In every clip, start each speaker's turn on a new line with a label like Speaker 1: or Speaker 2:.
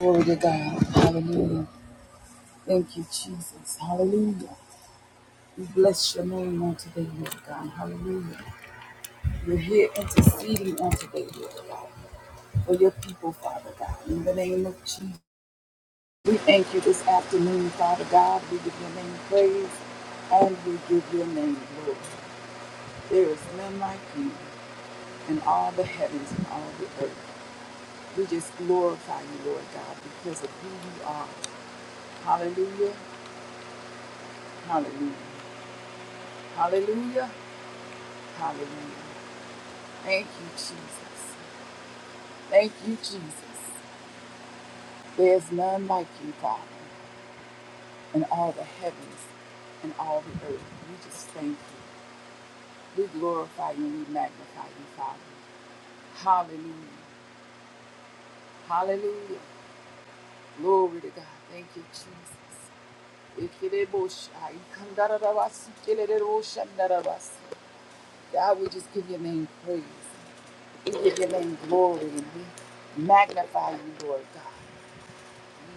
Speaker 1: Glory to God. Hallelujah. Thank you, Jesus. Hallelujah. We bless your name on today, Lord God. Hallelujah. We're here interceding on today, Lord God, for your people, Father God. In the name of Jesus, we thank you this afternoon, Father God. We give your name praise and we give your name glory. There is none like you in all the heavens and all the earth. We just glorify you, Lord God, because of who you are. Hallelujah. Hallelujah. Hallelujah. Hallelujah. Thank you, Jesus. Thank you, Jesus. There is none like you, Father, in all the heavens and all the earth. We just thank you. We glorify you and we magnify you, Father. Hallelujah. Hallelujah. Glory to God. Thank you, Jesus. Ikereboshai, kandarabasi, kelereroshandarabasi. God, we just give your name praise. We give your name glory and we magnify you, Lord God.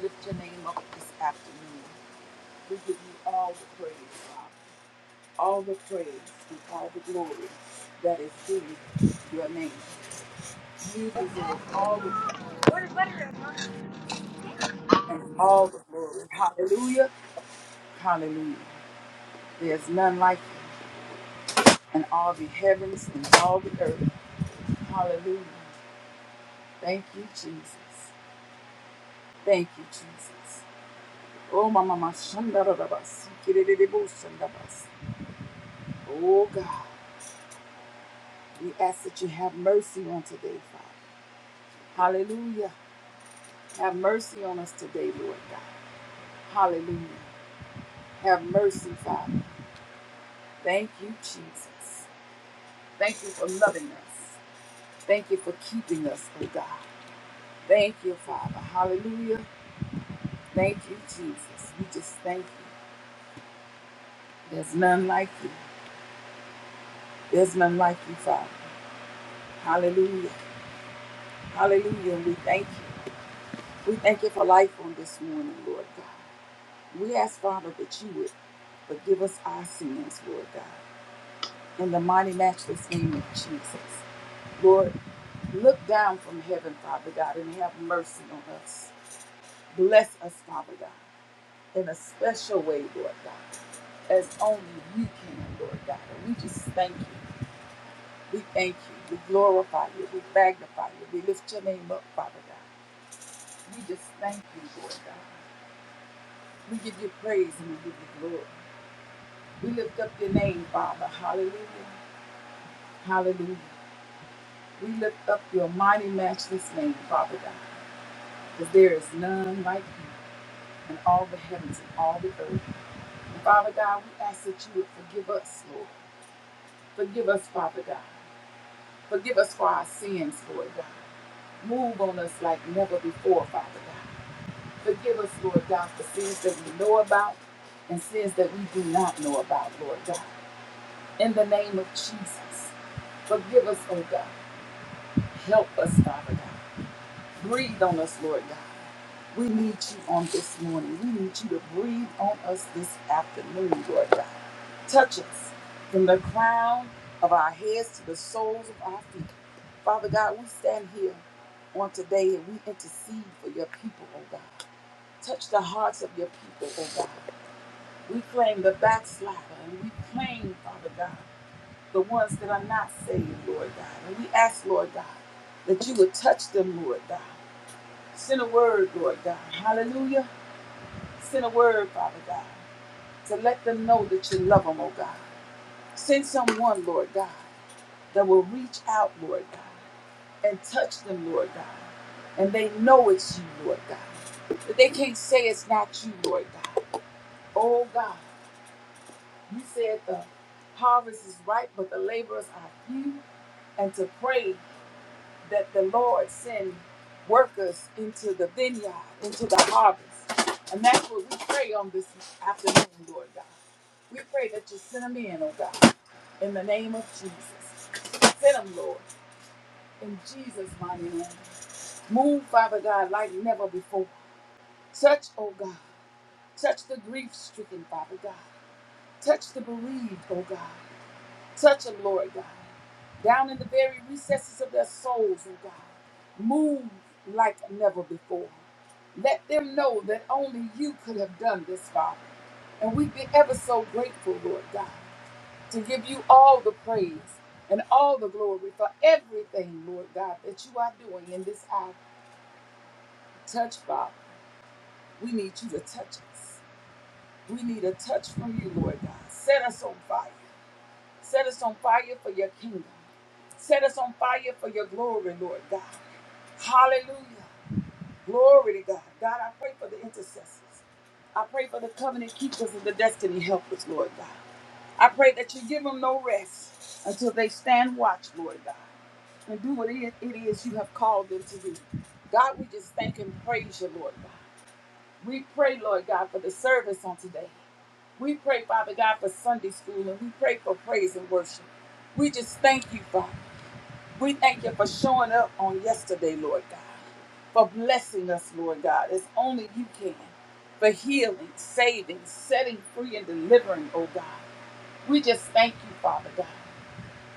Speaker 1: lift your name up this afternoon. We give you all the praise, God. All the praise and all the glory that is due your name. You deserve all the praise and all the glory. Hallelujah. Hallelujah. There's none like you in all the heavens and all the earth. Hallelujah. Thank you, Jesus. Thank you, Jesus. Oh, Mama, Mama, Shandarabas. Kiriribu, Shandabas. Oh, God. We ask that you have mercy on today, Father. Hallelujah. Have mercy on us today, Lord God. Hallelujah. Have mercy, Father. Thank you, Jesus. Thank you for loving us. Thank you for keeping us, oh God. Thank you, Father. Hallelujah. Thank you, Jesus. We just thank you. There's none like you. There's none like you, Father. Hallelujah. Hallelujah. And we thank you. We thank you for life on this morning, Lord God. We ask, Father, that you would Forgive us our sins, Lord God. In the mighty, matchless name of Jesus. Lord, look down from heaven, Father God, and have mercy on us. Bless us, Father God, in a special way, Lord God, as only you can, Lord God. And we just thank you. We thank you. We glorify you. We magnify you. We lift your name up, Father God. We just thank you, Lord God. We give you praise and we give you glory. We lift up your name, Father. Hallelujah. Hallelujah. We lift up your mighty, matchless name, Father God, because there is none like you in all the heavens and all the earth. And Father God, we ask that you would forgive us, Lord. Forgive us, Father God. Forgive us for our sins, Lord God. Move on us like never before, Father God. Forgive us, Lord God, for sins that we know about and sins that we do not know about, Lord God. In the name of Jesus, forgive us, oh God. Help us, Father God. Breathe on us, Lord God. We need you on this morning. We need you to breathe on us this afternoon, Lord God. Touch us from the crown of our heads to the soles of our feet. Father God, we stand here on today and we intercede for your people, oh God. Touch the hearts of your people, oh God. We claim the backslider and we claim, Father God, the ones that are not saved, Lord God. And we ask, Lord God, that you would touch them, Lord God. Send a word, Lord God. Hallelujah Send a word, Father God, to let them know that you love them, oh God. Send someone, Lord God, that will reach out, Lord God, and touch them, Lord God. And they know it's you, Lord God. But they can't say it's not you, Lord God. Oh God, you said the harvest is ripe, but the laborers are few. And to pray that the Lord send workers into the vineyard, into the harvest. And that's what we pray on this afternoon, Lord God. We pray that you send them in, oh God, in the name of Jesus. Send them, Lord, in Jesus' mighty name. Move, Father God, like never before. Touch, oh God. Touch the grief stricken, Father God. Touch the bereaved, oh God. Touch them, Lord God. down in the very recesses of their souls, oh God. Move like never before. Let them know that only you could have done this, Father. And we'd be ever so grateful, Lord God, to give you all the praise and all the glory for everything, Lord God, that you are doing in this hour. Touch, Father. We need you to touch us. We need a touch from you, Lord God. Set us on fire. Set us on fire for your kingdom. Set us on fire for your glory, Lord God. Hallelujah. Glory to God. God, I pray for the intercessors. I pray for the covenant keepers and the destiny helpers, Lord God. I pray that you give them no rest until they stand watch, Lord God, and do what it it is you have called them to do. God, we just thank and praise you, Lord God. We pray, Lord God, for the service on today. We pray, Father God, for Sunday school, and we pray for praise and worship. We just thank you, Father. We thank you for showing up on yesterday, Lord God, for blessing us, Lord God, as only you can, for healing, saving, setting free, and delivering, oh God. We just thank you, Father God.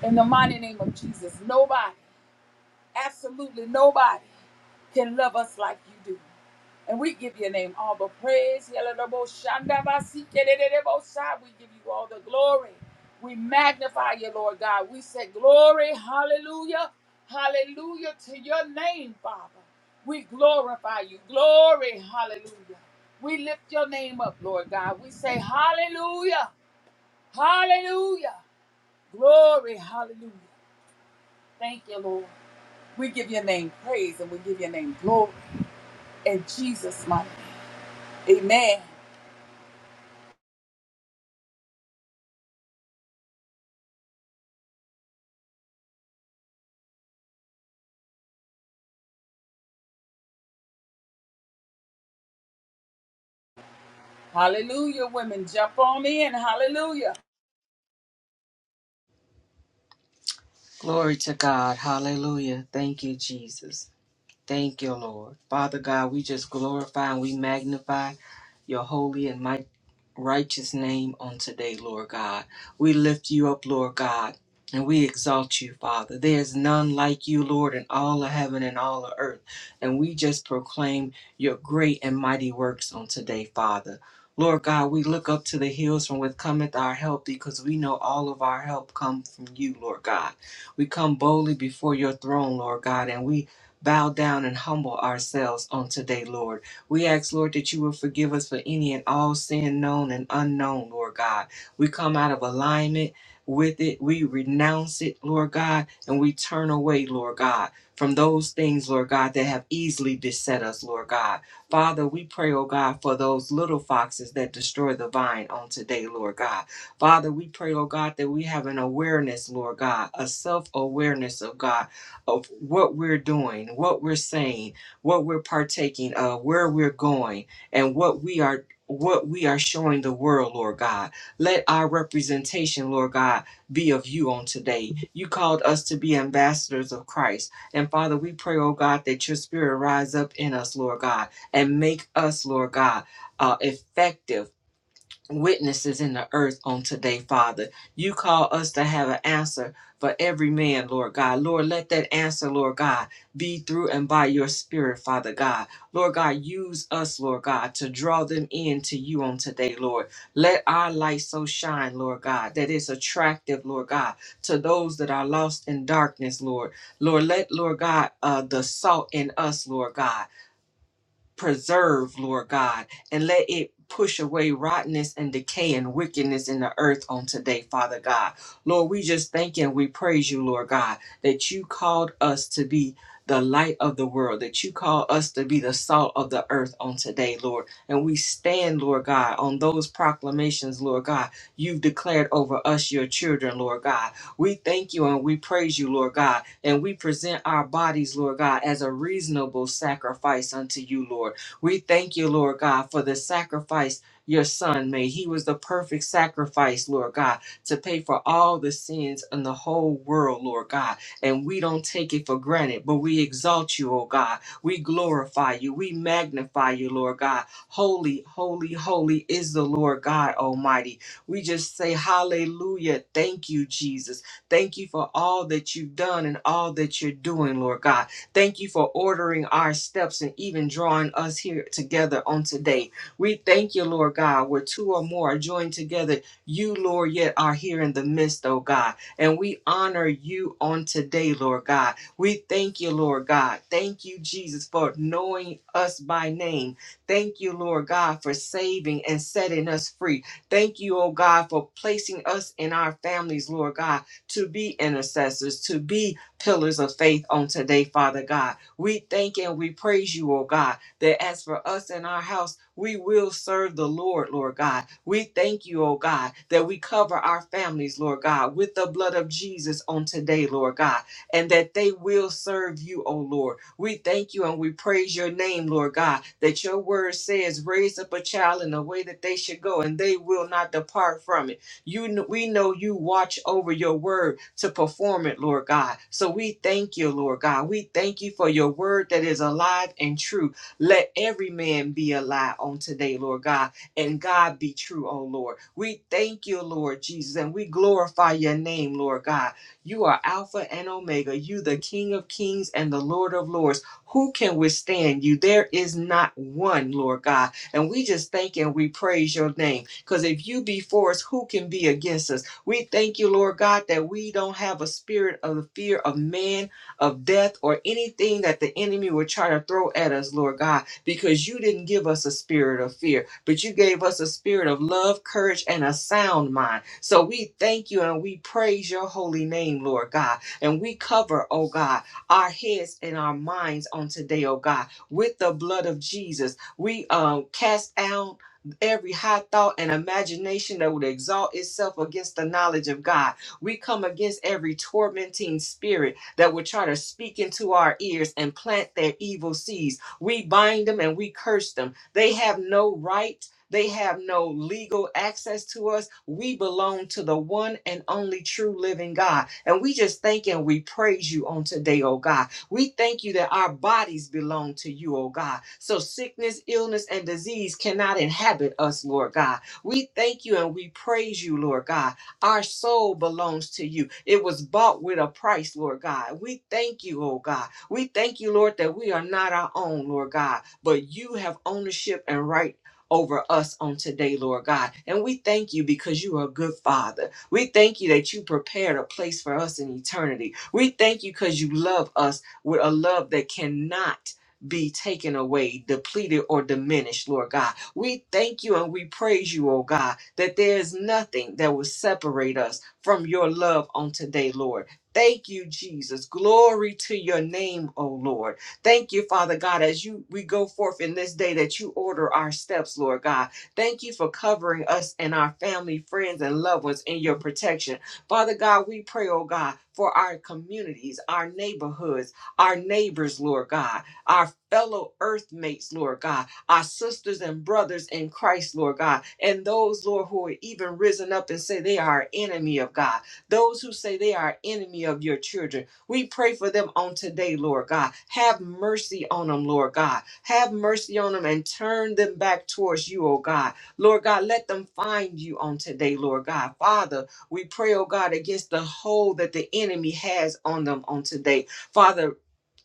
Speaker 1: In the mighty name of Jesus, nobody, absolutely nobody, can love us like you do. And we give your name all the praise. Yalalaboshanda basi Yalalabosandabasikeledelebosai. We give you all the glory. We magnify you, Lord God. We say glory, hallelujah, hallelujah to your name, Father. We glorify you. Glory, hallelujah. We lift your name up, Lord God. We say hallelujah, hallelujah, glory, hallelujah. Thank you, Lord. We give your name praise and we give your name glory in Jesus' mighty name. Amen. Hallelujah, women. Jump on in. Hallelujah.
Speaker 2: Glory to God. Hallelujah. Thank you, Jesus. Thank you, Lord. Father God, we just glorify and we magnify your holy and might righteous name on today, Lord God. We lift you up, Lord God, and we exalt you, Father. There is none like you, Lord, in all of heaven and all of earth. And we just proclaim your great and mighty works on today, Father. Lord God, we look up to the hills from which cometh our help because we know all of our help come from you, Lord God. We come boldly before your throne, Lord God, and we bow down and humble ourselves on today, Lord. We ask, Lord, that you will forgive us for any and all sin known and unknown, Lord God. We come out of alignment with it. We renounce it, Lord God, and we turn away, Lord God, from those things, Lord God, that have easily beset us, Lord God. Father, we pray, oh God, for those little foxes that destroy the vine on today, Lord God. Father, we pray, oh God, that we have an awareness, Lord God, a self awareness of God of what we're doing, what we're saying, what we're partaking of, where we're going, and what we are what we are showing the world, Lord God. Let our representation, Lord God, be of you on today. You called us to be ambassadors of Christ. And Father, we pray, oh God, that your spirit rise up in us, Lord God, and make us, Lord God, uh, effective witnesses in the earth on today, Father. You call us to have an answer for every man, Lord God. Lord, let that answer, Lord God, be through and by your spirit, Father God. Lord God, use us, Lord God, to draw them in to you on today, Lord. Let our light so shine, Lord God, that it's attractive, Lord God, to those that are lost in darkness, Lord. Lord, let, Lord God, uh, the salt in us, Lord God preserve, Lord God, and let it push away rottenness and decay and wickedness in the earth on today, Father God. Lord, we just thank and we praise you, Lord God, that you called us to be the light of the world, that you call us to be the salt of the earth on today, Lord. And we stand, Lord God, on those proclamations, Lord God, you've declared over us, your children, Lord God. We thank you and we praise you, Lord God and we present our bodies, Lord God, as a reasonable sacrifice unto you, Lord. We thank you, Lord God, for the sacrifice your son made. He was the perfect sacrifice, Lord God, to pay for all the sins in the whole world, Lord God. And we don't take it for granted, but we exalt you, oh God. We glorify you. We magnify you, Lord God. Holy, holy, holy is the Lord God Almighty. We just say hallelujah. Thank you, Jesus. Thank you for all that you've done and all that you're doing, Lord God. Thank you for ordering our steps and even drawing us here together on today. We thank you, Lord God, where two or more are joined together. You, Lord, yet are here in the midst, oh God. And we honor you on today, Lord God. We thank you, Lord God. Thank you, Jesus, for knowing us by name. Thank you, Lord God, for saving and setting us free. Thank you, oh God, for placing us in our families, Lord God to be intercessors, to be pillars of faith on today, Father God. We thank and we praise you, oh God, that as for us and our house, we will serve the Lord, Lord God. We thank you, oh God, that we cover our families, Lord God, with the blood of Jesus on today, Lord God, and that they will serve you, O Lord. We thank you and we praise your name, Lord God, that your word says, raise up a child in the way that they should go, and they will not depart from it. You we know you watch over your word to perform it, Lord God. So we thank you, Lord God. We thank you for your word that is alive and true. Let every man be a lie on today, Lord God, and God be true, oh Lord. We thank you, Lord Jesus, and we glorify your name, Lord God. You are Alpha and Omega. You the King of Kings and the Lord of Lords. Who can withstand you? There is not one, Lord God. And we just thank and we praise your name. Because if you be for us, who can be against us? We thank you, Lord God, that we don't have a spirit of the fear of man, of death, or anything that the enemy would try to throw at us, Lord God, because you didn't give us a spirit of fear, but you gave us a spirit of love, courage, and a sound mind. So we thank you and we praise your holy name, Lord God. And we cover, oh God, our heads and our minds on today, oh God, with the blood of Jesus. We um, cast down every high thought and imagination that would exalt itself against the knowledge of God. We come against every tormenting spirit that would try to speak into our ears and plant their evil seeds. We bind them and we curse them. They have no right. They have no legal access to us. We belong to the one and only true living God. And we just thank and we praise you on today, oh God. We thank you that our bodies belong to you, oh God. So sickness, illness, and disease cannot inhabit us, Lord God. We thank you and we praise you, Lord God. Our soul belongs to you. It was bought with a price, Lord God. We thank you, oh God. We thank you, Lord, that we are not our own, Lord God, but you have ownership and right. Over us on today, Lord God. And we thank you because you are a good father. We thank you that you prepared a place for us in eternity. We thank you because you love us with a love that cannot be taken away, depleted, or diminished, Lord God. We thank you and we praise you, oh God, that there is nothing that will separate us from your love on today, Lord. Thank you, Jesus. Glory to your name, oh Lord. Thank you, Father God, as you we go forth in this day that you order our steps, Lord God. Thank you for covering us and our family, friends, and loved ones in your protection. Father God, we pray, oh God, for our communities, our neighborhoods our neighbors, Lord God, our fellow earthmates, Lord God, our sisters and brothers in Christ, Lord God, and those, Lord, who are even risen up and say they are enemy of God, those who say they are enemy of your children. We pray for them on today, Lord God. Have mercy on them, Lord God. Have mercy on them and turn them back towards you, oh God. Lord God, let them find you on today, Lord God. Father, we pray, oh God, against the hold that the enemy has on them on today. Father,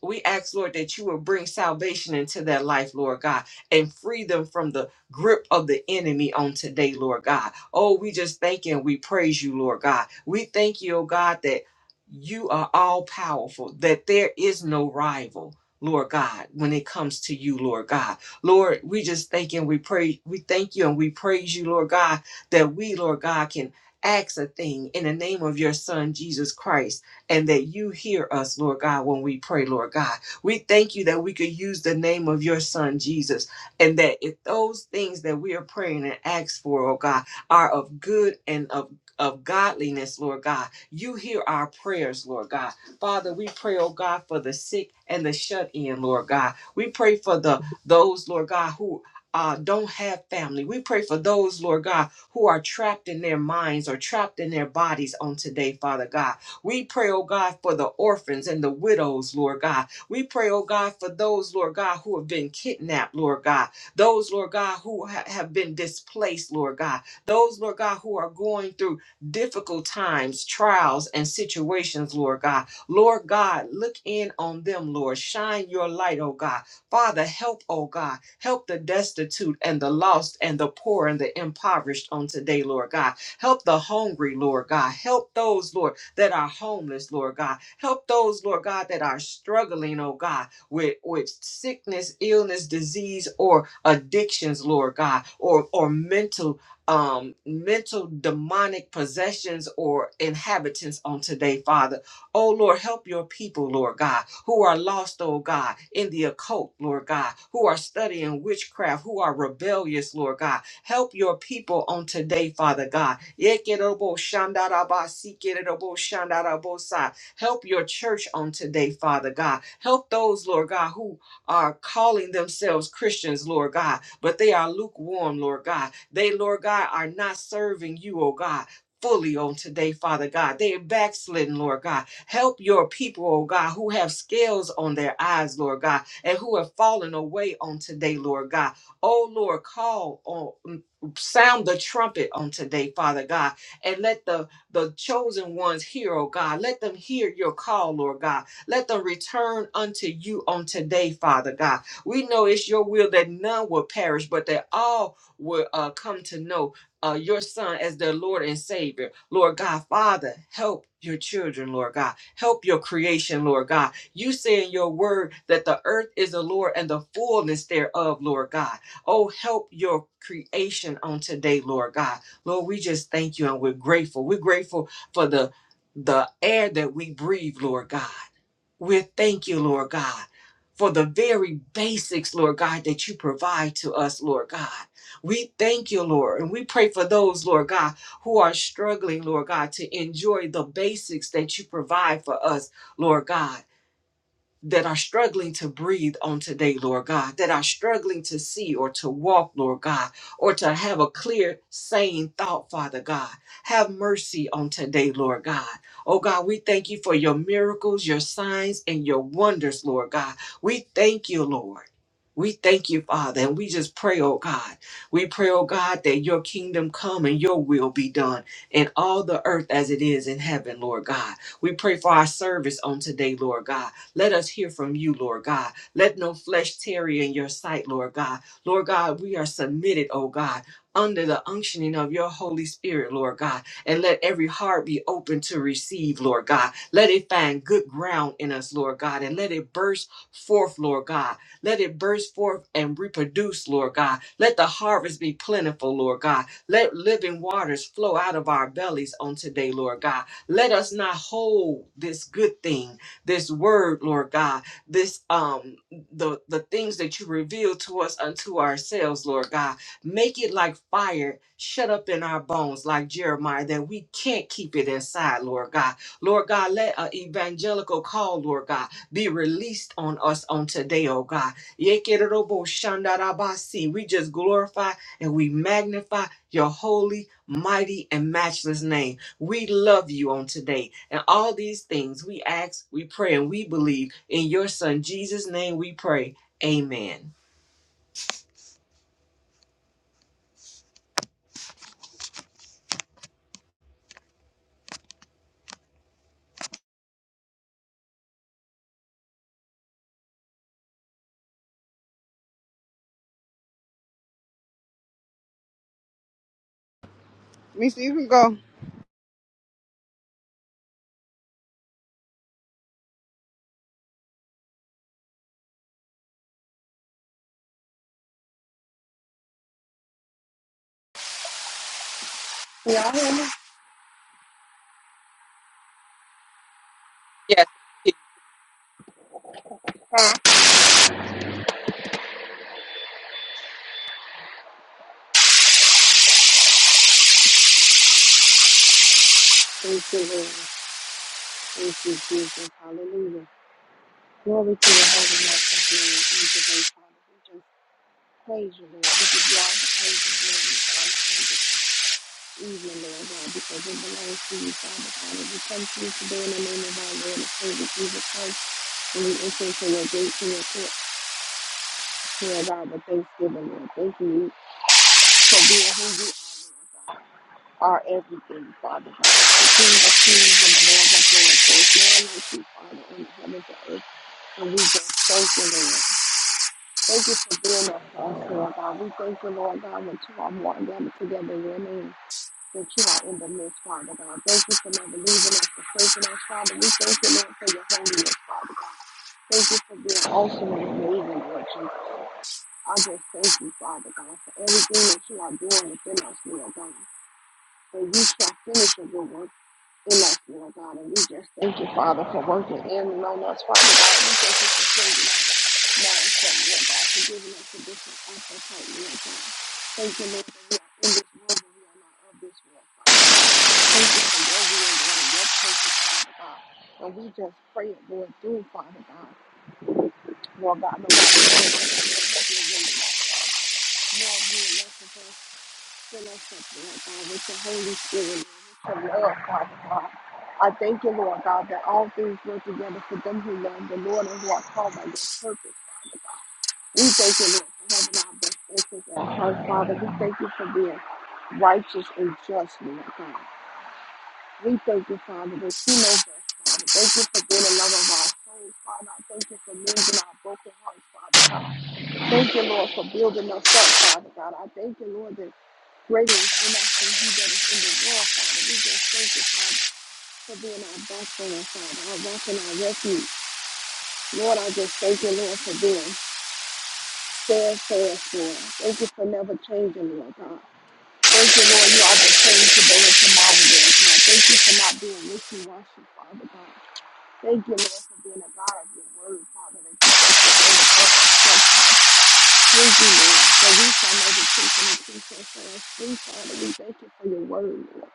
Speaker 2: we ask, Lord, that you will bring salvation into their life, Lord God, and free them from the grip of the enemy on today, Lord God. Oh, we just thank you and we praise you, Lord God. We thank you, oh God, that you are all powerful, that there is no rival. Lord God, when it comes to you, Lord God. Lord, we just thank you and we pray, we thank you and we praise you, Lord God, that we, Lord God, can ask a thing in the name of your Son, Jesus Christ and that you hear us, Lord God, when we pray, Lord God. We thank you that we could use the name of your son, Jesus, and that if those things that we are praying and ask for, oh God, are of good and of of godliness, Lord God. You hear our prayers, Lord God. Father, we pray, oh God, for the sick and the shut in, Lord God. We pray for the those, Lord God, who uh, don't have family. We pray for those, Lord God, who are trapped in their minds or trapped in their bodies on today, Father God. We pray, oh God, for the orphans and the widows, Lord God. We pray, oh God, for those, Lord God, who have been kidnapped, Lord God. Those, Lord God, who ha- have been displaced, Lord God. Those, Lord God, who are going through difficult times, trials, and situations, Lord God. Lord God, look in on them, Lord. Shine your light, oh God. Father, help, oh God. Help the destitute and the lost and the poor and the impoverished on today, Lord God. Help the hungry, Lord God. Help those, Lord that are homeless, Lord God. Help those, Lord God, that are struggling, oh God, with, with sickness, illness, disease, or addictions, Lord God, or, or mental um mental demonic possessions or inhabitants on today father oh lord help your people lord god who are lost oh god in the occult lord god who are studying witchcraft who are rebellious lord god Help your people on today, Father God. Yekerobo shandaraba, sikerobo shandarabosa. Help your church on today, Father God. Help those, Lord God, who are calling themselves Christians, Lord God, but they are lukewarm, Lord God. They, Lord God, are not serving you, oh God. Fully on today, Father God. They are backslidden, Lord God. Help your people, oh God, who have scales on their eyes, Lord God, and who have fallen away on today, Lord God. Oh Lord, call on mm, sound the trumpet on today, Father God, and let the the chosen ones hear, oh God. Let them hear your call, Lord God. Let them return unto you on today, Father God. We know it's your will that none will perish, but that all will uh, come to know uh, your Son as their Lord and Savior. Lord God, Father, help your children, Lord God. Help your creation, Lord God. You say in your word that the earth is the Lord and the fullness thereof, Lord God. Oh, help your creation on today, Lord God. Lord, we just thank you and we're grateful. We're grateful for the the air that we breathe, Lord God. We thank you, Lord God, for the very basics, Lord God, that you provide to us, Lord God. We thank you, Lord, and we pray for those, Lord God, who are struggling, Lord God, to enjoy the basics that you provide for us, Lord God that are struggling to breathe on today, Lord God, that are struggling to see or to walk, Lord God, or to have a clear, sane thought, Father God. Have mercy on today, Lord God. Oh God, we thank you for your miracles, your signs, and your wonders, Lord God. We thank you, Lord. We thank you, Father, and we just pray, oh God. We pray, oh God, that your kingdom come and your will be done in all the earth as it is in heaven, Lord God. We pray for our service on today, Lord God. Let us hear from you, Lord God. Let no flesh tarry in your sight, Lord God. Lord God, we are submitted, oh God, under the unctioning of your Holy Spirit, Lord God. And let every heart be open to receive, Lord God. Let it find good ground in us, Lord God, and let it burst forth, Lord God. Let it burst forth and reproduce, Lord God. Let the harvest be plentiful, Lord God. Let living waters flow out of our bellies on today, Lord God. Let us not hold this good thing this word, Lord God, this um the the things that you reveal to us unto ourselves, Lord God. Make it like fire shut up in our bones, like Jeremiah, that we can't keep it inside, Lord God. Lord God, let an evangelical call, Lord God, be released on us on today, oh God. Yekerobo shandarabasi. We just glorify and we magnify your holy, mighty, and matchless name. We love you on today. And all these things we ask, we pray, and we believe. In your son, Jesus' name, we pray. Amen.
Speaker 3: Mister, you can go.
Speaker 4: We are in the
Speaker 2: Yes.
Speaker 4: path. Thank you, Lord. Thank you, Jesus. Hallelujah. Glory to your holy master's name. In today's Father, we just praise you, Lord. We give you all the praise and glory and honor and this evening, Lord God, because it belongs to you, Father God. And we come to you today in the name of our Lord and Savior Jesus Christ. And we enter into your gates and your courts, Lord God, with thanksgiving, Lord. Thank you for being who you are. Lord. are everything, Father God. The King of kings and the Lord of lords. There is none like you, Father, in the heavens and earth. And we just thank you, Lord. Thank you for being us, us, Lord God. We thank you, Lord God, when two or more are gathered together in your name, that you are in the midst, Father God. Thank you for never leaving us, forsaking us, Father. We thank you, Lord, for your holiness, Father God. Thank you for being awesome and amazing, Lord Jesus. I just thank you, Father God, for everything that you are doing within us, Lord God. And you shall finish a good work Immaculate God, and we just thank you, Father, for working in and on us, Father God. We thank you for saving us, now and setting us back, for giving us a different offer, Lord God. Thank you, Lord, that we are in this world, but we are not of this world, Father. Thank you for your will, Lord, and your purpose, Father God. And we just pray it, Lord, through, Father God. Lord God, no matter what, Lord, have your way, Lord. Lord, we are fill us up, Lord God, with your Holy Spirit, Lord, with your love, Father God. I thank you, Lord God, that all things work together for them who love the Lord and who are called by your purpose, Father God. We thank you, Lord, for having our best interests at heart, Father. We thank you for being righteous and just, Lord God. We thank you, Father, that you know best, Father. Thank you for being the love of our souls, Father. I thank you for mending our broken hearts, Father. Thank you, Lord, for building us up, Father God. I thank you, Lord, that greater is in us than he that is in the world, Father. We just thank you, Father, for being our backbone, Father, our rock and our refuge. Lord, I just thank you, Lord, for being steadfast, Lord. Thank you for never changing, Lord God. Thank you, Lord, you are the same today and tomorrow, Lord God. Thank you for not being wishy-washy, Father God. Thank you, Lord, for being a God of your word, Father, that you take the word up. Thank you, Lord. For we shall know the truth and the truth shall set us free, Father. We thank you for your word, Lord.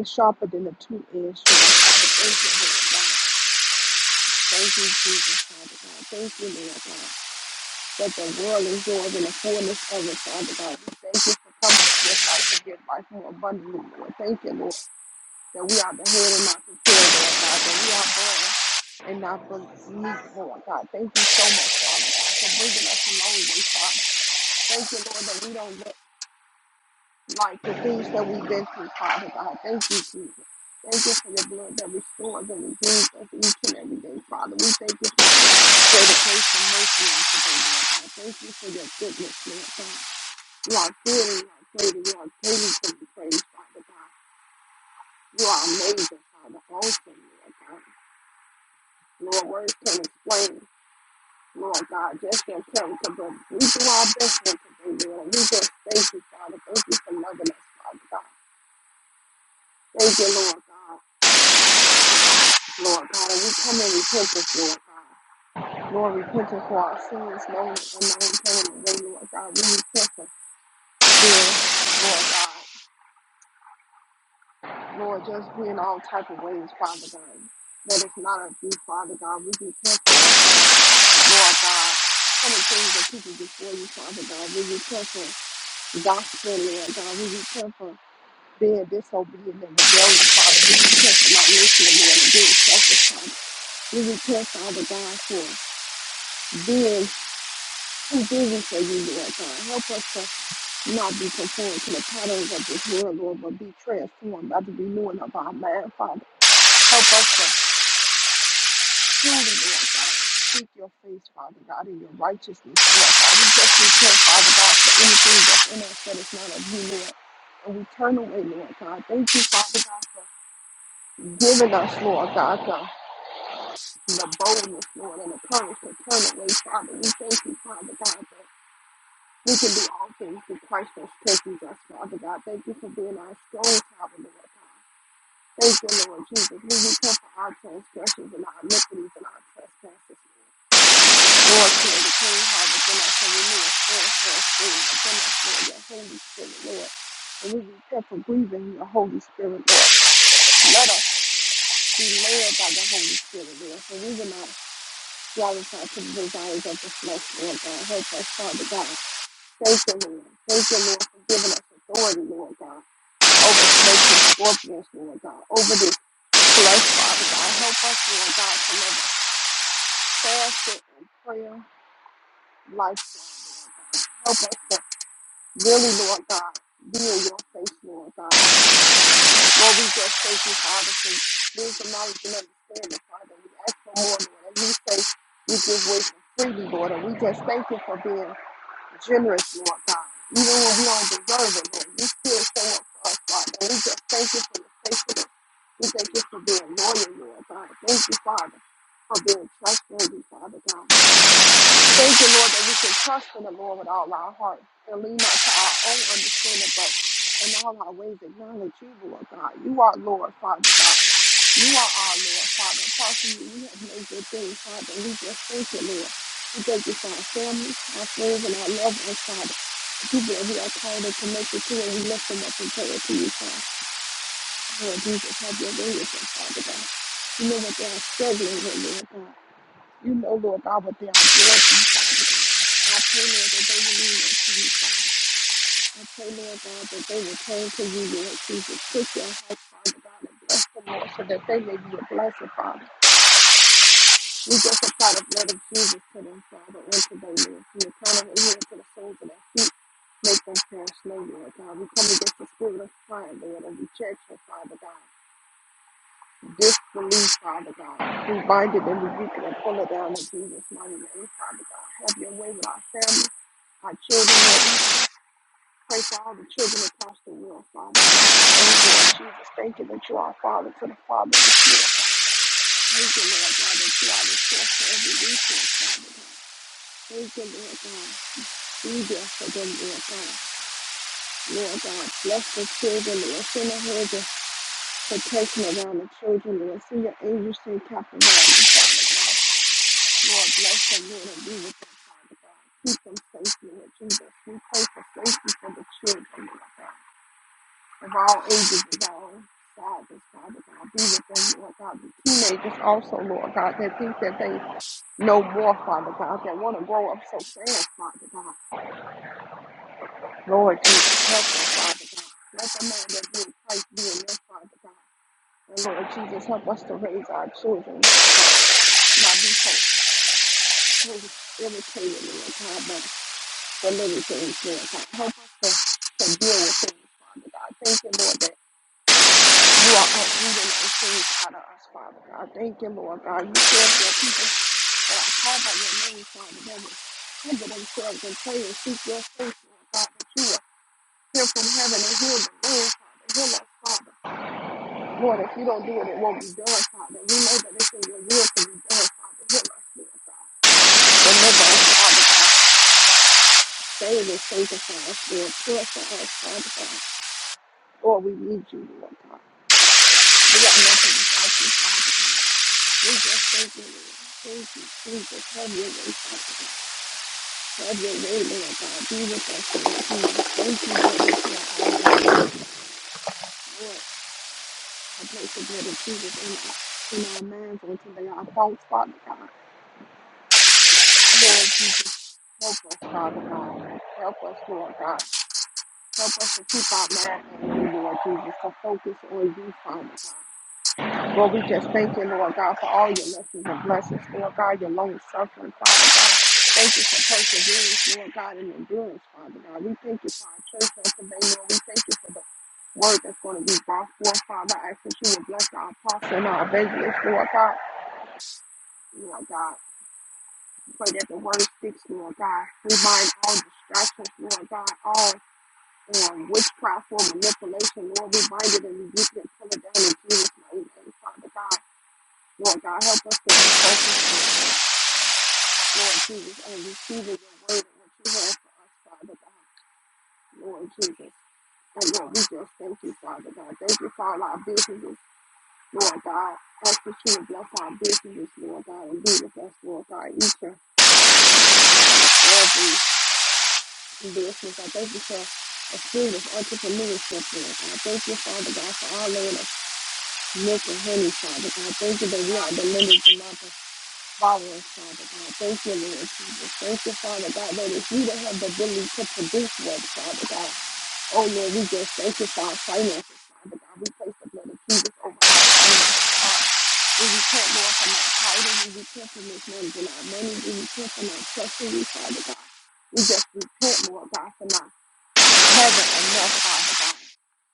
Speaker 4: It's sharper than a two-edged sword, Father. Thank you, Lord God. Thank you, Jesus, Father God. Thank you, Lord God. That the world is yours and the fullness of it, Father God. We thank you for coming to this life to give life more abundantly, Lord. Thank you, Lord, that we are the head and not the tail, Lord God. That we are born and not beneath, Lord God. Thank you so much, Father God, for bringing us a long way, Father. Thank you, Lord, that we don't let like the things that we've been through, Father God. Thank you, Jesus. Thank you for your blood that restores and redeems us each and every day, Father. We thank you for your dedication, mercy, and today, Lord God. Thank you for your goodness, Lord God. You are good and you are great and you are greatly to be praised, Father God. You are amazing, Father. Awesome, Lord God. Lord, words can explain, Lord God, just your character, but we do our best here today, Lord. We just thank you, Father. Thank you for loving us, Father God. Thank you, Lord God. Lord God, and we come in repentance, Lord God. Lord, repentance for our sins, known and unknown, known and unknown, Lord God. We repent for fear, Lord God. Lord, just being all type of ways, Father God. That it's not of you, Father God. We repent for, Lord God, So many things that people before you, Father God. We repent for gospel, Lord God. We repent for being disobedient and rebellious, Father. We repent for not listening, Lord, and being selfish, Father. We repent, Father God, for being We do this for you, Lord God. Help us to not be conformed to the patterns of this world, Lord, but be transformed by the renewing of our mind, Father. Help us to truly, Lord God, seek your face, Father God, in your righteousness, Lord God. We just repent, Father God, for anything that's in us that is not of you, Lord. And we turn away, Lord God. Thank you, Father God, for giving us, Lord God, the, the boldness, Lord, and the courage to turn away, Father. We thank you, Father God. We can do all things through Christ that strengthens us, Father God. Thank you for being our strong tower, Lord God. Thank you, Lord Jesus. We repent for our transgressions and our iniquities and our trespasses, Lord. Lord, create a clean heart within us and renew a steadfast spirit within us, Lord, your Holy Spirit, Lord. And we repent for grieving your Holy Spirit, Lord. Let us be led by the Holy Spirit, Lord. So we will not gratify to the desires of the flesh, Lord God. Help us, Father God Thank you, Lord. Thank you, Lord, for giving us authority, Lord God, over snakes and scorpions, Lord God, over this flesh, Father God. Help us, Lord God, to live a fasted and prayer lifestyle. Help us to really, Lord God, be in your face, Lord God. Lord, we just thank you, Father, for wisdom, knowledge, and understanding, Father. We ask for more, Lord. And we say, we give way for freely, Lord. And we just thank you for being generous, Lord God. Even when we don't deserve it, Lord, you still show up for us, Father. And We just thank you for your faithfulness. We thank you for being loyal, Lord God. Thank you, Father, for being trustworthy, Father God. Thank you, Lord, that we can trust in the Lord with all our heart and lean not to our own understanding, but in all our ways acknowledge you, Lord God. You are Lord, Father God. You are our Lord, Father. Apart from you, we have no good thing, Father. We just thank you, Lord. We thank you for our family, our friends, and our loved ones, Father. The people that we are called and connected to, and we lift them up in prayer to you, Father. Lord Jesus, have your way with them, Father God. You know what they are struggling with, Lord God. You know, Lord God, what they are going through, Father God. I pray, Lord, that they will lean into you, Father. I pray, Lord God, that they will turn to you, Lord Jesus. Put your heart, Father God, and bless them, Lord, so that they may be a blessing, Father. We just apply the blood of Jesus to them, Father, and to their lives. From the crown of their head to the soles of their feet, make them perish no Lord God. We come against the spirit of pride, Lord, and rejection, Father God. Disbelief, Father God. We bind it and rebuke it and pull it down in Jesus' mighty name, Father God. Have your way with our families, our children, Lord. We pray for all the children across the world, Father. Thank you, Lord Jesus. Thank you that you are Father to the Father and the Father. Thank you, Lord God, that you are the source of every resource, Father God. Praise the Lord God. Be there for them, God. Lord God, bless the children, Lord. Send a hedge of protection around the children, Lord. Send your angels to encamp around them, Father God. Lord, bless them, Lord, and be with them, Father God. Keep them safe, Lord Jesus. We pray for safety for the children, Lord God. Of all ages, of all sizes, Father God. Be with them, Lord God. The teenagers also, Lord God, that think that they know more, Father God, that want to grow up so fast, Father God. Lord Jesus, help us, Father God. Let the man that is in Christ be in us, Father God. And Lord Jesus, help us to raise our children, Lord God. Not be so really irritated, Lord God, but deliver things, Lord God. Help us to, to deal with things, Father God. Thank you, Lord, that you are uprooting those things out of us, Father God. Thank you, Lord God. You said that people that are called by your name, Father, that will humble themselves and pray and seek your face, Lord God, that you will hear from heaven and heal the land, Father. Heal us, Father. Lord, if you don't do it, it won't be done, Father. We know that it's in your will to be done, Father. Heal us, Lord God. Deliver us, Father God. Save us, sanctify us, Lord. Purify us, Father God. Lord, we need you, Lord God. We are nothing without you, Father God. We just thank you, Lord. Thank you, Jesus. Have your way, Father God. Have your way, Lord God. Be with us, Lord Jesus. Thank you, Lord, that you are always with us, Lord. a place of blood of Jesus in, our, in our minds on today, our thoughts, Father God. Lord Jesus, help us, Father God. Help us, Lord God. Help us to keep our mind on you, Lord Jesus, to focus on you, Father God. Lord, we just thank you, Lord God, for all your lessons and blessings, Lord God, your long suffering, Father God. Thank you for perseverance, Lord God, and endurance, Father God. We thank you for our church on today, Lord. We thank you for the word that's going to be brought forth, Father. I ask that you would bless our apostle and our evangelist, Lord God. Lord God. Pray that the word sticks, Lord God. We bind all distractions, Lord God, all um, witchcraft or manipulation, Lord. We bind it and rebuke it and pull it down in Jesus' mighty name, Father God. Lord God, help us to be focused, Lord Jesus, and receiving your word and what you have for us, Father God, Lord Jesus. And Lord, we just thank you, Father God. Thank you for all our businesses, Lord God. Ask that you would bless our businesses, Lord God, and be with us, Lord God, each and every business. I thank you for a spirit of entrepreneurship, Lord. And I thank you, Father God, for all of the milk and honey, Father God. Thank you that we are delivered from our borrowers, Father God. Thank you, Lord Jesus. Thank you, Father God, that if we don't have the ability to produce wealth, Father God. Oh, Lord, we just thank you for our finances, Father God. We place the blood of Jesus over our finances, Father. We repent, Lord, from our titles. We repent from mismanaging our money. We repent from our treachery, Father God. We just repent, Lord God, for not heaven enough, Father God,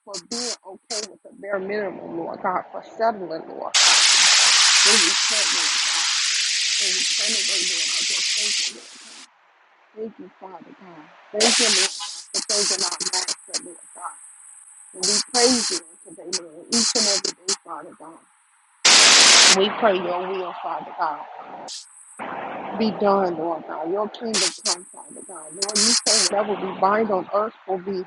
Speaker 4: for being okay with the bare minimum, Lord God, for settling, Lord. We repent, Lord God, and we turn away, Lord. I just thank you, Lord. Thank you, Father God. Thank you, Lord God, for taking our master, Lord God. And we praise you today, Lord, each and every day, Father God. We pray your will, Father God be done, Lord God. Your kingdom come, Father God. Lord, you say whatever we bind on earth will be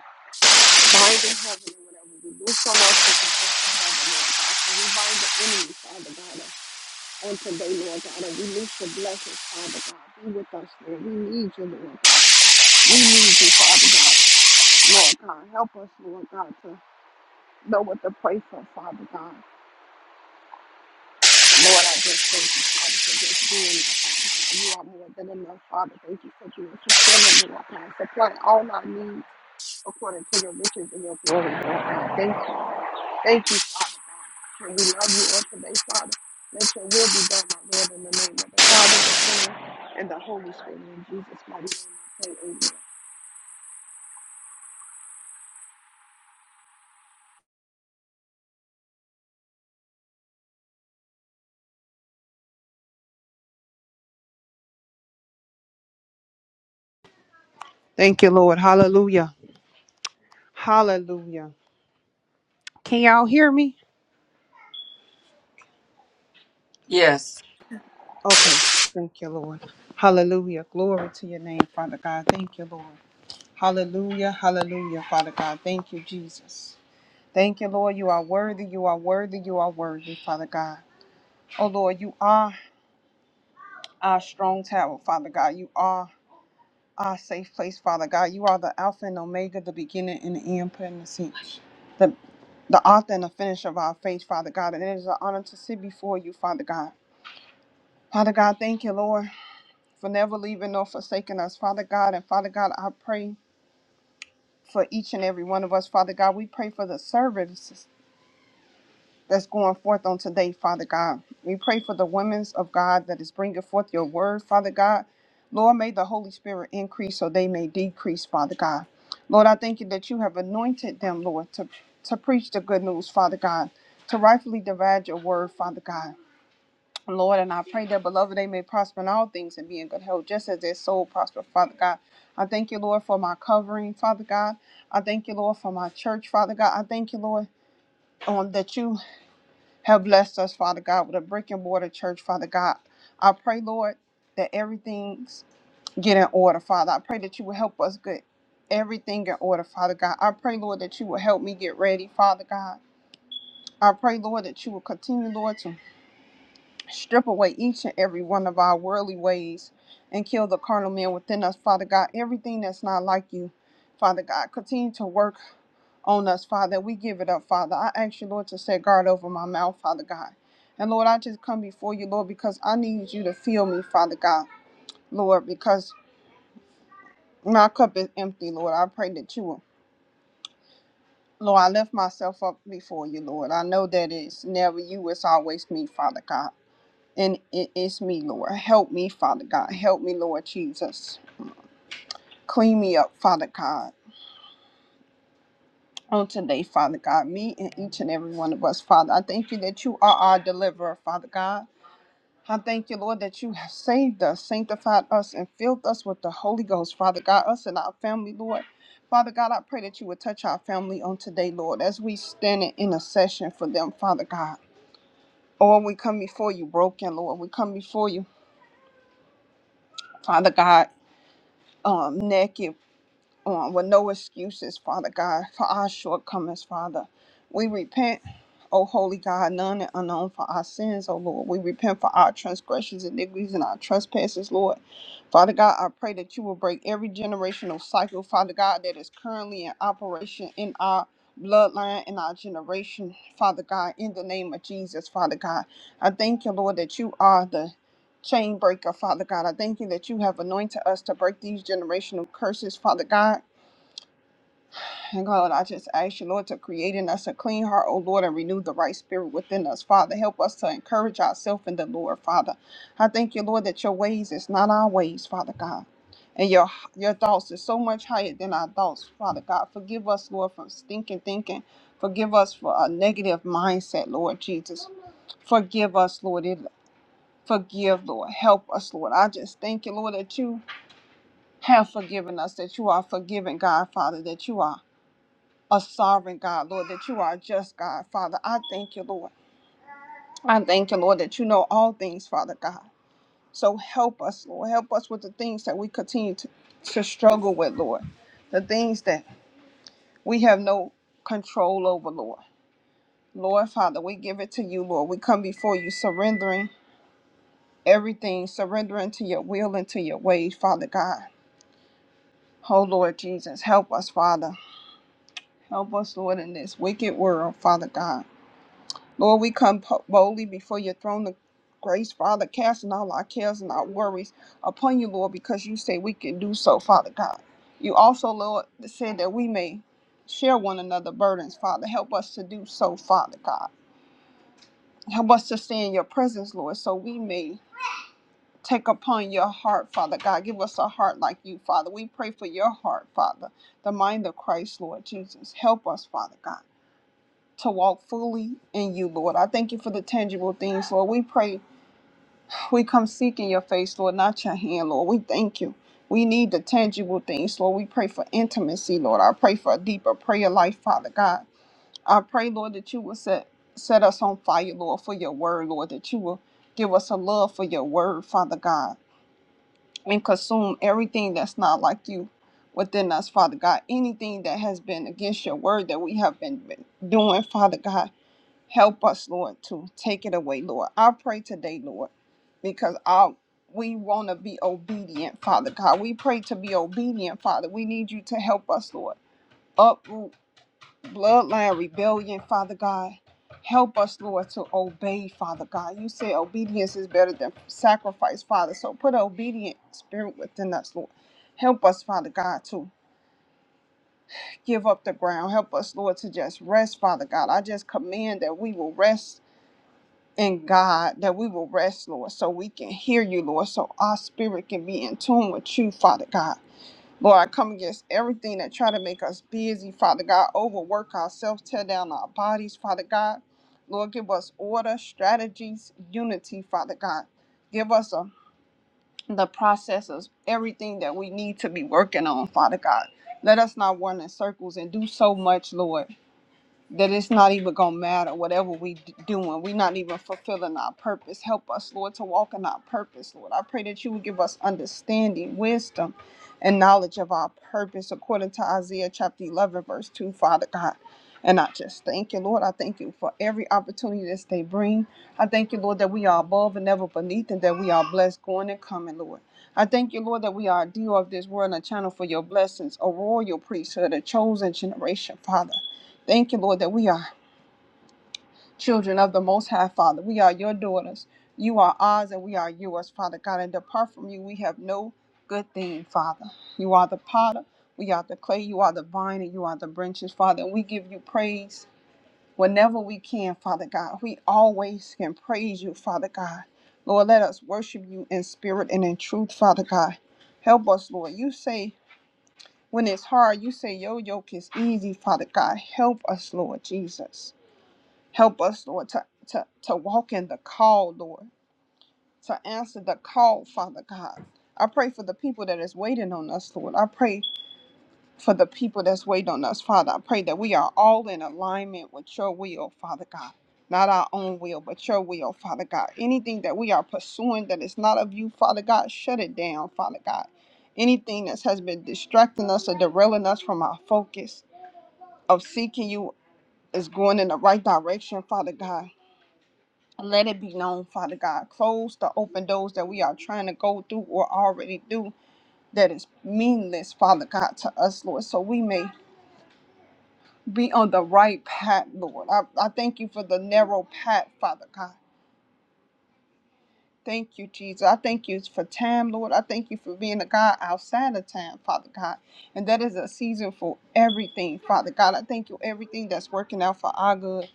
Speaker 4: bind in heaven and whatever we do from us is just in heaven, Lord God. So we bind the enemy, Father God, on today, Lord God, and we loose your blessings, Father God. Be with us, Lord. We need you, Lord God. We need you, Father God. Lord God, help us, Lord God, to know what to pray for, Father God. Lord, I just thank you, Father, for just being there, Father God. You are more than enough, Father. Thank you for being fulfilling, Lord God. Supply all our needs according to your riches and your glory, Lord God. Thank you. Thank you, Father God. And we love you on today, Father. Let your will be done, my Lord, in the name of the Father, the Son, and the Holy Spirit. In Jesus' mighty name, I pray. Amen.
Speaker 3: Thank you, Lord. Hallelujah. Hallelujah. Can y'all hear me?
Speaker 2: Yes.
Speaker 3: Okay. Thank you, Lord. Hallelujah. Glory to your name, Father God. Thank you, Lord. Hallelujah. Hallelujah, Father God. Thank you, Jesus. Thank you, Lord. You are worthy. You are worthy. You are worthy, Father God. Oh, Lord, you are our strong tower, Father God. You are. our safe place, Father God. You are the Alpha and Omega, the beginning and the end, put in the seat. The, the author and the finish of our faith, Father God. And it is an honor to sit before you, Father God. Father God, thank you, Lord, for never leaving nor forsaking us, Father God. And Father God, I pray for each and every one of us, Father God. We pray for the servants. that's going forth on today, Father God. We pray for the women's of God that is bringing forth your word, Father God. Lord, may the Holy Spirit increase so they may decrease, Father God. Lord, I thank you that you have anointed them, Lord, to, to preach the good news, Father God, to rightfully divide your word, Father God. Lord, and I pray that, beloved, they may prosper in all things and be in good health, just as their soul prosper, Father God. I thank you, Lord, for my covering, Father God. I thank you, Lord, for my church, Father God. I thank you, Lord, um, that you have blessed us, Father God, with a brick and mortar church, Father God. I pray, Lord, that everything's get in order, Father. I pray that you will help us get everything in order, Father God. I pray, Lord, that you will help me get ready, Father God. I pray, Lord, that you will continue, Lord, to Strip away each and every one of our worldly ways and kill the carnal man within us, Father God. Everything that's not like you, Father God. Continue to work on us, Father. We give it up, Father. I ask you, Lord, to set guard over my mouth, Father God. And Lord, I just come before you, Lord, because I need you to fill me, Father God, Lord, because my cup is empty, Lord. I pray that you will. Lord, I lift myself up before you, Lord. I know that it's never you, it's always me, Father God. And it is me, Lord. Help me, Father God. Help me, Lord Jesus. Clean me up, Father God. On today, Father God, me and each and every one of us, Father. I thank you that you are our deliverer, Father God. I thank you, Lord, that you have saved us, sanctified us, and filled us with the Holy Ghost, Father God, us and our family, Lord. Father God, I pray that you would touch our family on today, Lord, as we stand in intercession for them, Father God. Or we come before you broken, Lord. We come before you, Father God, um, naked. um, with no excuses, Father God, for our shortcomings, Father. We repent, O Holy God, none and unknown for our sins, O Lord. We repent for our transgressions, iniquities, and our trespasses, Lord. Father God, I pray that you will break every generational cycle, Father God, that is currently in operation in our bloodline in our generation, Father God, in the name of Jesus, Father God. I thank you, Lord, that you are the chain breaker, Father God. I thank you that you have anointed us to break these generational curses, Father God. And God, I just ask you, Lord, to create in us a clean heart, O Lord, and renew the right spirit within us. Father, help us to encourage ourselves in the Lord, Father. I thank you, Lord, that your ways is not our ways, Father God. And your your thoughts is so much higher than our thoughts, Father God. Forgive us, Lord, for stinking thinking. Forgive us for a negative mindset, Lord Jesus. Forgive us, Lord. It- Forgive, Lord. Help us, Lord. I just thank you, Lord, that you have forgiven us, that you are forgiving, God, Father, that you are a sovereign God, Lord, that you are a just God, Father. I thank you, Lord. I thank you, Lord, that you know all things, Father God. So help us, Lord. Help us with the things that we continue to, to struggle with, Lord. The things that we have no control over, Lord. Lord, Father, we give it to you, Lord. We come before you surrendering everything, surrendering to your will and to your ways, Father God. Oh, Lord Jesus, help us, Father. Help us, Lord, in this wicked world, Father God. Lord, we come po- boldly before your throne of grace, Father, casting all our cares and our worries upon you, Lord, because you say we can do so, Father God. You also, Lord, said that we may share one another burdens, Father. Help us to do so, Father God. Help us to stay in your presence, Lord, so we may take upon your heart, Father God. Give us a heart like you, Father. We pray for your heart, Father, the mind of Christ, Lord Jesus. Help us, Father God to walk fully in you, Lord. I thank you for the tangible things, Lord. We pray we come seeking your face, Lord, not your hand, Lord. We thank you. We need the tangible things, Lord. We pray for intimacy, Lord. I pray for a deeper prayer life, Father God. I pray, Lord, that you will set set us on fire, Lord, for your word, Lord, that you will give us a love for your word, Father God, and consume everything that's not like you within us, Father God. Anything that has been against your word that we have been been doing, Father God. Help us, Lord, to take it away, Lord. I pray today, Lord, because I we want to be obedient, Father God. We pray to be obedient, Father. We need you to help us, Lord. Uproot bloodline rebellion, Father God. Help us, Lord, to obey, Father God. You say obedience is better than sacrifice, Father. So put an obedient spirit within us, Lord. Help us, Father God, to give up the ground. Help us, Lord, to just rest, Father God. I just command that we will rest and God, that we will rest, Lord, so we can hear you, Lord, so our spirit can be in tune with you, Father God. Lord, I come against everything that try to make us busy, Father God, overwork ourselves, tear down our bodies, Father God. Lord, give us order, strategies, unity, Father God. Give us a, the process of everything that we need to be working on, Father God. Let us not run in circles and do so much, Lord that it's not even gonna matter whatever we d- doing we're not even fulfilling our purpose help us lord to walk in our purpose lord i pray that you would give us understanding wisdom and knowledge of our purpose according to isaiah chapter 11 verse 2 father god and i just thank you lord i thank you for every opportunity that they bring i thank you lord that we are above and never beneath and that we are blessed going and coming lord I thank you, Lord, that we are a deal of this world and a channel for your blessings, a royal priesthood, a chosen generation, Father. Thank you, Lord, that we are children of the Most High, Father. We are your daughters. You are ours and we are yours, Father God. And apart from you, we have no good thing, Father. You are the potter, we are the clay, you are the vine, and you are the branches, Father. And we give you praise whenever we can, Father God. We always can praise you, Father God. Lord, let us worship you in spirit and in truth, Father God. Help us, Lord. You say when it's hard, you say your yoke is easy, Father God. Help us, Lord Jesus. Help us, Lord, to, to, to walk in the call, Lord, to answer the call, Father God. I pray for the people that is waiting on us, Lord. I pray for the people that's waiting on us, Father. I pray that we are all in alignment with your will, Father God. Not our own will, but your will, Father God. Anything that we are pursuing that is not of you, Father God, shut it down, Father God. Anything that has been distracting us or derailing us from our focus of seeking you is going in the right direction, Father God. Let it be known, Father God. Close the open doors that we are trying to go through or already do that is meaningless, Father God, to us, Lord, so we may be on the right path, Lord. I, I thank you for the narrow path, Father God. Thank you, Jesus. I thank you for time, Lord. I thank you for being a God outside of time, Father God. And that is a season for everything, Father God. I thank you, everything that's working out for our good.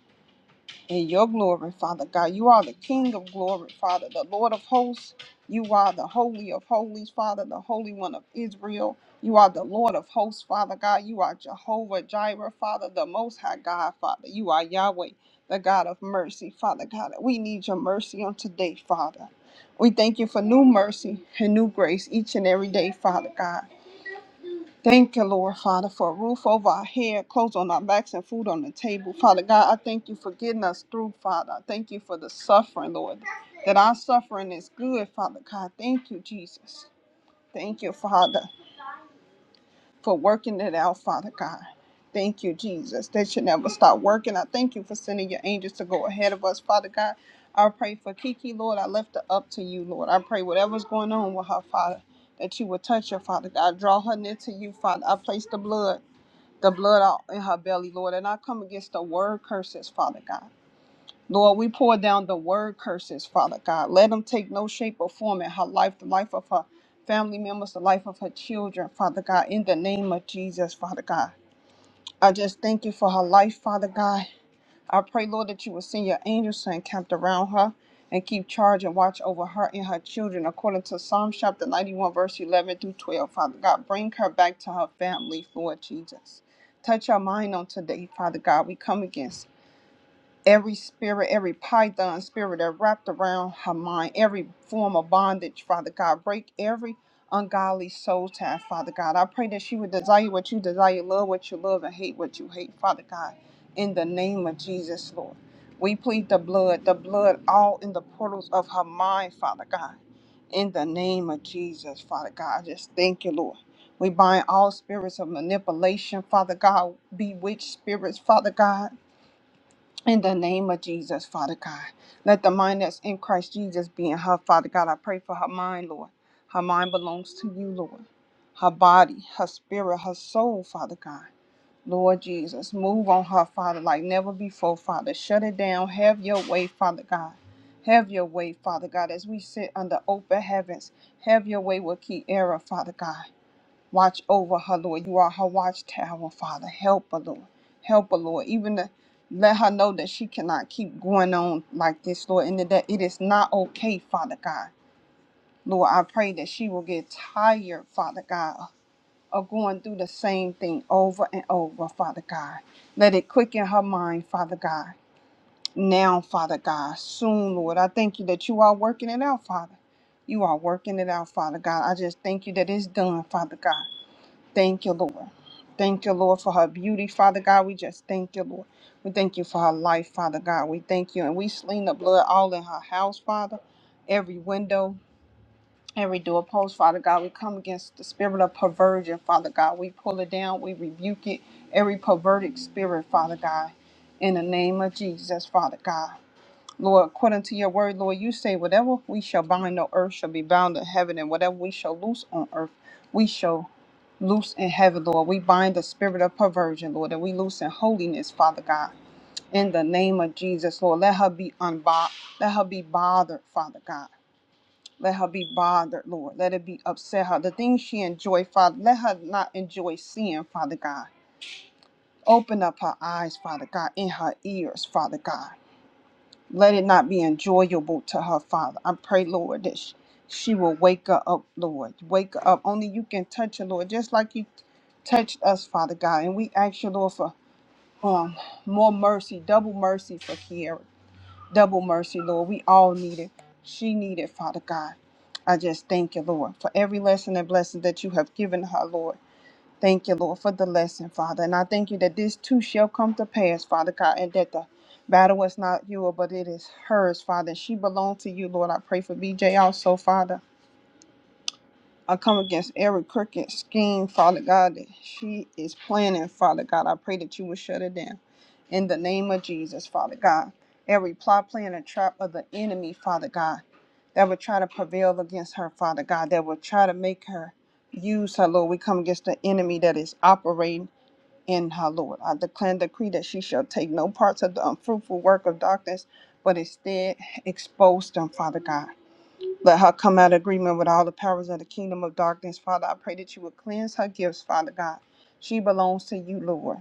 Speaker 3: in your glory, Father God. You are the King of glory, Father, the Lord of hosts. You are the Holy of holies, Father, the Holy One of Israel. You are the Lord of hosts, Father God. You are Jehovah Jireh, Father, the Most High God, Father. You are Yahweh, the God of mercy, Father God. We need your mercy on today, Father. We thank you for new mercy and new grace each and every day, Father God. Thank you, Lord Father, for a roof over our head, clothes on our backs, and food on the table. Father God, I thank you for getting us through, Father. I thank you for the suffering, Lord, that our suffering is good, Father God. Thank you, Jesus. Thank you, Father, for working it out, Father God. Thank you, Jesus, that you never stop working. I thank you for sending your angels to go ahead of us, Father God. I pray for Kiki, Lord. I left her up to you, Lord. I pray whatever's going on with her, Father, that you will touch her, Father God. Draw her near to you, Father. I place the blood the blood out in her belly, Lord. And I come against the word curses, Father God. Lord, we pour down the word curses, Father God. Let them take no shape or form in her life, the life of her family members, the life of her children, Father God, in the name of Jesus, Father God. I just thank you for her life, Father God. I pray, Lord, that you will send your angels to encamp around her and keep charge and watch over her and her children according to Psalm chapter 91, verse 11 through 12. Father God, bring her back to her family, Lord Jesus. Touch her mind on today, Father God. We come against every spirit, every python spirit that wrapped around her mind, every form of bondage, Father God, break every ungodly soul tie, Father God. I pray that she would desire what you desire, love what you love, and hate what you hate, Father God, in the name of Jesus, Lord. We plead the blood, the blood all in the portals of her mind, Father God. In the name of Jesus, Father God, I just thank you, Lord. We bind all spirits of manipulation, Father God, bewitched spirits, Father God in the name of Jesus, Father God, let the mind that's in Christ Jesus be in her, Father God. I pray for her mind, Lord. Her mind belongs to you, Lord. Her body, her spirit, her soul, Father God. Lord Jesus, move on her, Father, like never before, Father. Shut it down. Have your way, Father God. Have your way, Father God, as we sit under open heavens. Have your way with Kiera, Father God. Watch over her, Lord. You are her watchtower, Father. Help her, Lord. Help her, Lord. Even to let her know that she cannot keep going on like this, Lord, and that it is not okay, Father God. Lord, I pray that she will get tired, Father God, of going through the same thing over and over, Father God. Let it quicken her mind, Father God. Now, Father God, soon, Lord, I thank you that you are working it out, Father. You are working it out, Father God. I just thank you that it's done, Father God. Thank you, Lord. Thank you, Lord, for her beauty, Father God. We just thank you, Lord. We thank you for her life, Father God. We thank you. And we sling the blood all in her house, Father. Every window, every doorpost, Father God. We come against the spirit of perversion, Father God. We pull it down. We rebuke it. Every perverted spirit, Father God. In the name of Jesus, Father God. Lord, according to your word, Lord, you say, whatever we shall bind on earth shall be bound in heaven, and whatever we shall loose on earth, we shall loose in heaven, Lord. We bind the spirit of perversion, Lord, and we loose in holiness, Father God. In the name of Jesus, Lord, let her be unbothered. Let her be bothered, Father God. Let her be bothered, Lord. Let it be upset her. The things she enjoy, Father, let her not enjoy sin, Father God. Open up her eyes, Father God, in her ears, Father God. Let it not be enjoyable to her, Father. I pray, Lord, that sh- she will wake her up, Lord. Wake her up. Only you can touch her, Lord, just like you touched us, Father God. And we ask you, Lord, for um, more mercy, double mercy for Kiara. Double mercy, Lord. We all need it. She needed, Father God. I just thank you, Lord, for every lesson and blessing that you have given her, Lord. Thank you, Lord, for the lesson, Father. And I thank you that this too shall come to pass, Father God, and that the battle is not yours, but it is hers, Father. She belongs to you, Lord. I pray for BJ also, Father. I come against every crooked scheme, Father God, that she is planning, Father God. I pray that you will shut it down. In the name of Jesus, Father God. Every plot, plan, and trap of the enemy, Father God, that would try to prevail against her, Father God, that would try to make her use her, Lord. We come against the enemy that is operating in her, Lord. I declare and decree that she shall take no parts of the unfruitful work of darkness, but instead expose them, Father God. Let her come out of agreement with all the powers of the kingdom of darkness, Father. I pray that you would cleanse her gifts, Father God. She belongs to you, Lord.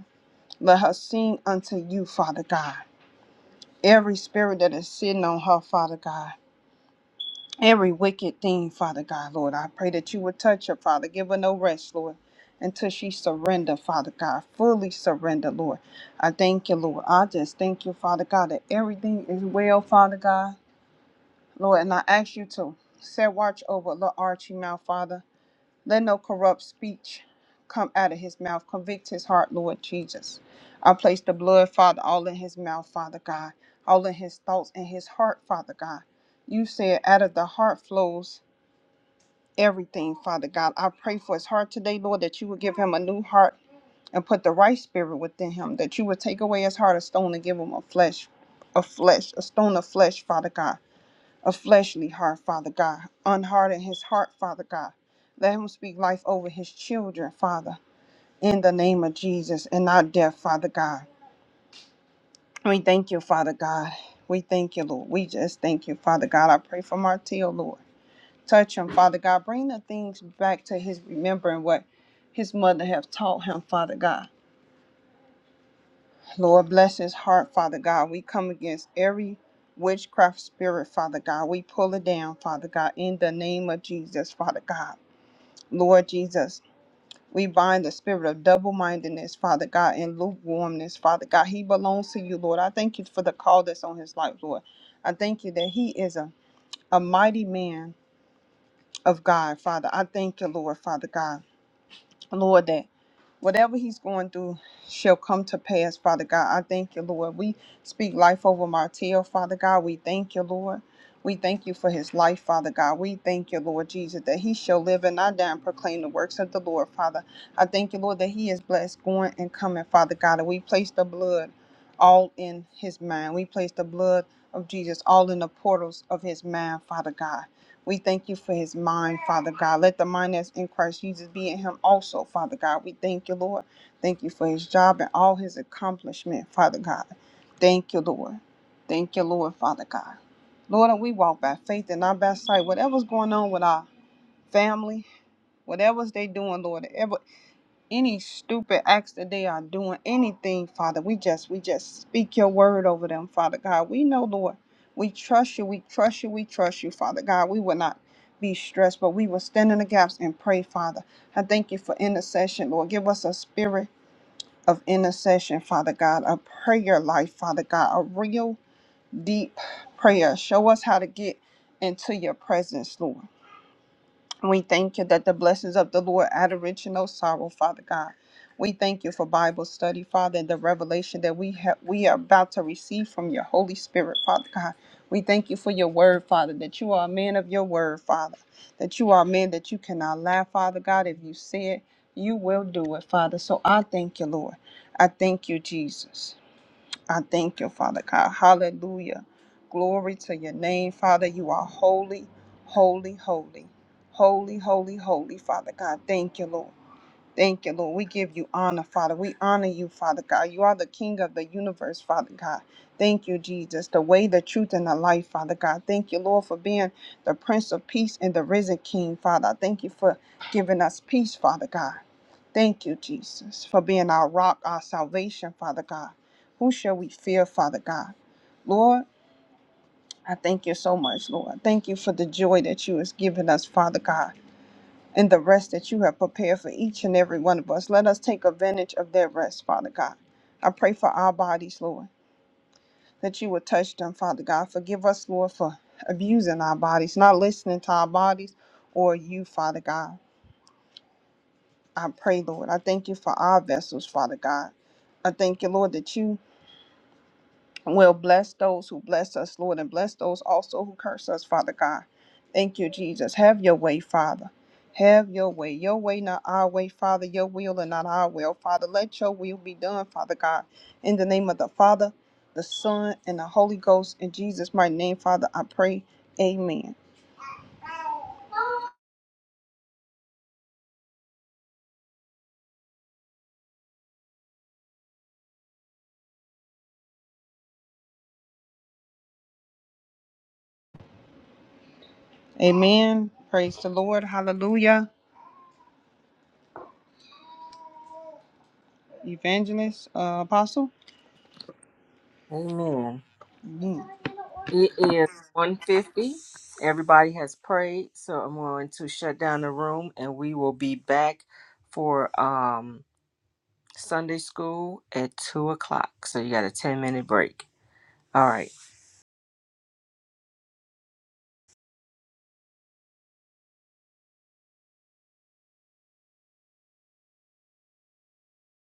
Speaker 3: Let her sing unto you, Father God. Every spirit that is sitting on her, Father God every wicked thing, Father God, Lord. I pray that you would touch her, Father. Give her no rest, Lord, until she surrender, Father God. Fully surrender, Lord. I thank you, Lord. I just thank you, Father God, that everything is well, Father God, Lord. And I ask you to set watch over little Archie now, Father. Let no corrupt speech come out of his mouth. Convict his heart, Lord Jesus. I place the blood, Father, all in his mouth, Father God. All in his thoughts and his heart, Father God. You said out of the heart flows everything, Father God. I pray for his heart today, Lord, that you would give him a new heart and put the right spirit within him, that you would take away his heart of stone and give him a flesh, a flesh, a stone of flesh, Father God, a fleshly heart, Father God. Unharden his heart, Father God. Let him speak life over his children, Father, in the name of Jesus and not death, Father God. We thank you, Father God. We thank you, Lord. We just thank you, Father God. I pray for Martell, Lord. Touch him, Father God. Bring the things back to his remembering what his mother have taught him, Father God. Lord, bless his heart, Father God. We come against every witchcraft spirit, Father God. We pull it down, Father God, in the name of Jesus, Father God. Lord Jesus, we bind the spirit of double mindedness, Father God, and lukewarmness, Father God. He belongs to you, Lord. I thank you for the call that's on his life, Lord. I thank you that he is a, a mighty man of God, Father. I thank you, Lord, Father God. Lord, that whatever he's going through shall come to pass, Father God. I thank you, Lord. We speak life over Martell, Father God. We thank you, Lord. We thank you for his life, Father God. We thank you, Lord Jesus, that he shall live and not die and proclaim the works of the Lord, Father. I thank you, Lord, that he is blessed going and coming, Father God. And we place the blood all in his mind. We place the blood of Jesus all in the portals of his mind, Father God. We thank you for his mind, Father God. Let the mind that's in Christ Jesus be in him also, Father God. We thank you, Lord. Thank you for his job and all his accomplishment, Father God. Thank you, Lord. Thank you, Lord, Father God. Lord, and we walk by faith and not by sight. Whatever's going on with our family, whatever's they doing, Lord, ever any stupid acts that they are doing, anything, Father. We just we just speak your word over them, Father God. We know, Lord, we trust you, we trust you, we trust you, Father God. We will not be stressed, but we will stand in the gaps and pray, Father. I thank you for intercession, Lord. Give us a spirit of intercession, Father God, a prayer life, Father God, a real deep prayer. Show us how to get into your presence, Lord. We thank you that the blessings of the Lord add a rich and no sorrow, Father God. We thank you for Bible study, Father, and the revelation that we have we are about to receive from your Holy Spirit, Father God. We thank you for your word, Father, that you are a man of your word, Father, that you are a man that you cannot lie, Father God. If you say it, you will do it, Father. So I thank you, Lord. I thank you, Jesus. I thank you, Father God. Hallelujah. Glory to your name, Father. You are holy, holy, holy, holy, holy, holy, Father God. Thank you, Lord. Thank you, Lord. We give you honor, Father. We honor you, Father God. You are the King of the universe, Father God. Thank you, Jesus. The way, the truth, and the life, Father God. Thank you, Lord, for being the Prince of Peace and the risen King, Father. I Thank you for giving us peace, Father God. Thank you, Jesus, for being our rock, our salvation, Father God. Who shall we fear, Father God? Lord, I thank you so much, Lord. Thank you for the joy that you has given us, Father God, and the rest that you have prepared for each and every one of us. Let us take advantage of that rest, Father God. I pray for our bodies, Lord, that you would touch them, Father God. Forgive us, Lord, for abusing our bodies, not listening to our bodies or you, Father God. I pray, Lord. I thank you for our vessels, Father God. I thank you, Lord, that you will bless those who bless us, Lord, and bless those also who curse us, Father God. Thank you, Jesus. Have your way, Father. Have your way. Your way, not our way, Father. Your will and not our will, Father. Let your will be done, Father God. In the name of the Father, the Son, and the Holy Ghost. In Jesus' mighty name, Father, I pray. Amen. Amen. Praise the Lord. Hallelujah. Evangelist, uh, Apostle.
Speaker 2: Amen.
Speaker 3: Mm.
Speaker 2: It is 150. Everybody has prayed, so I'm going to shut down the room and we will be back for um Sunday school at two o'clock. So you got a 10 minute break. All right.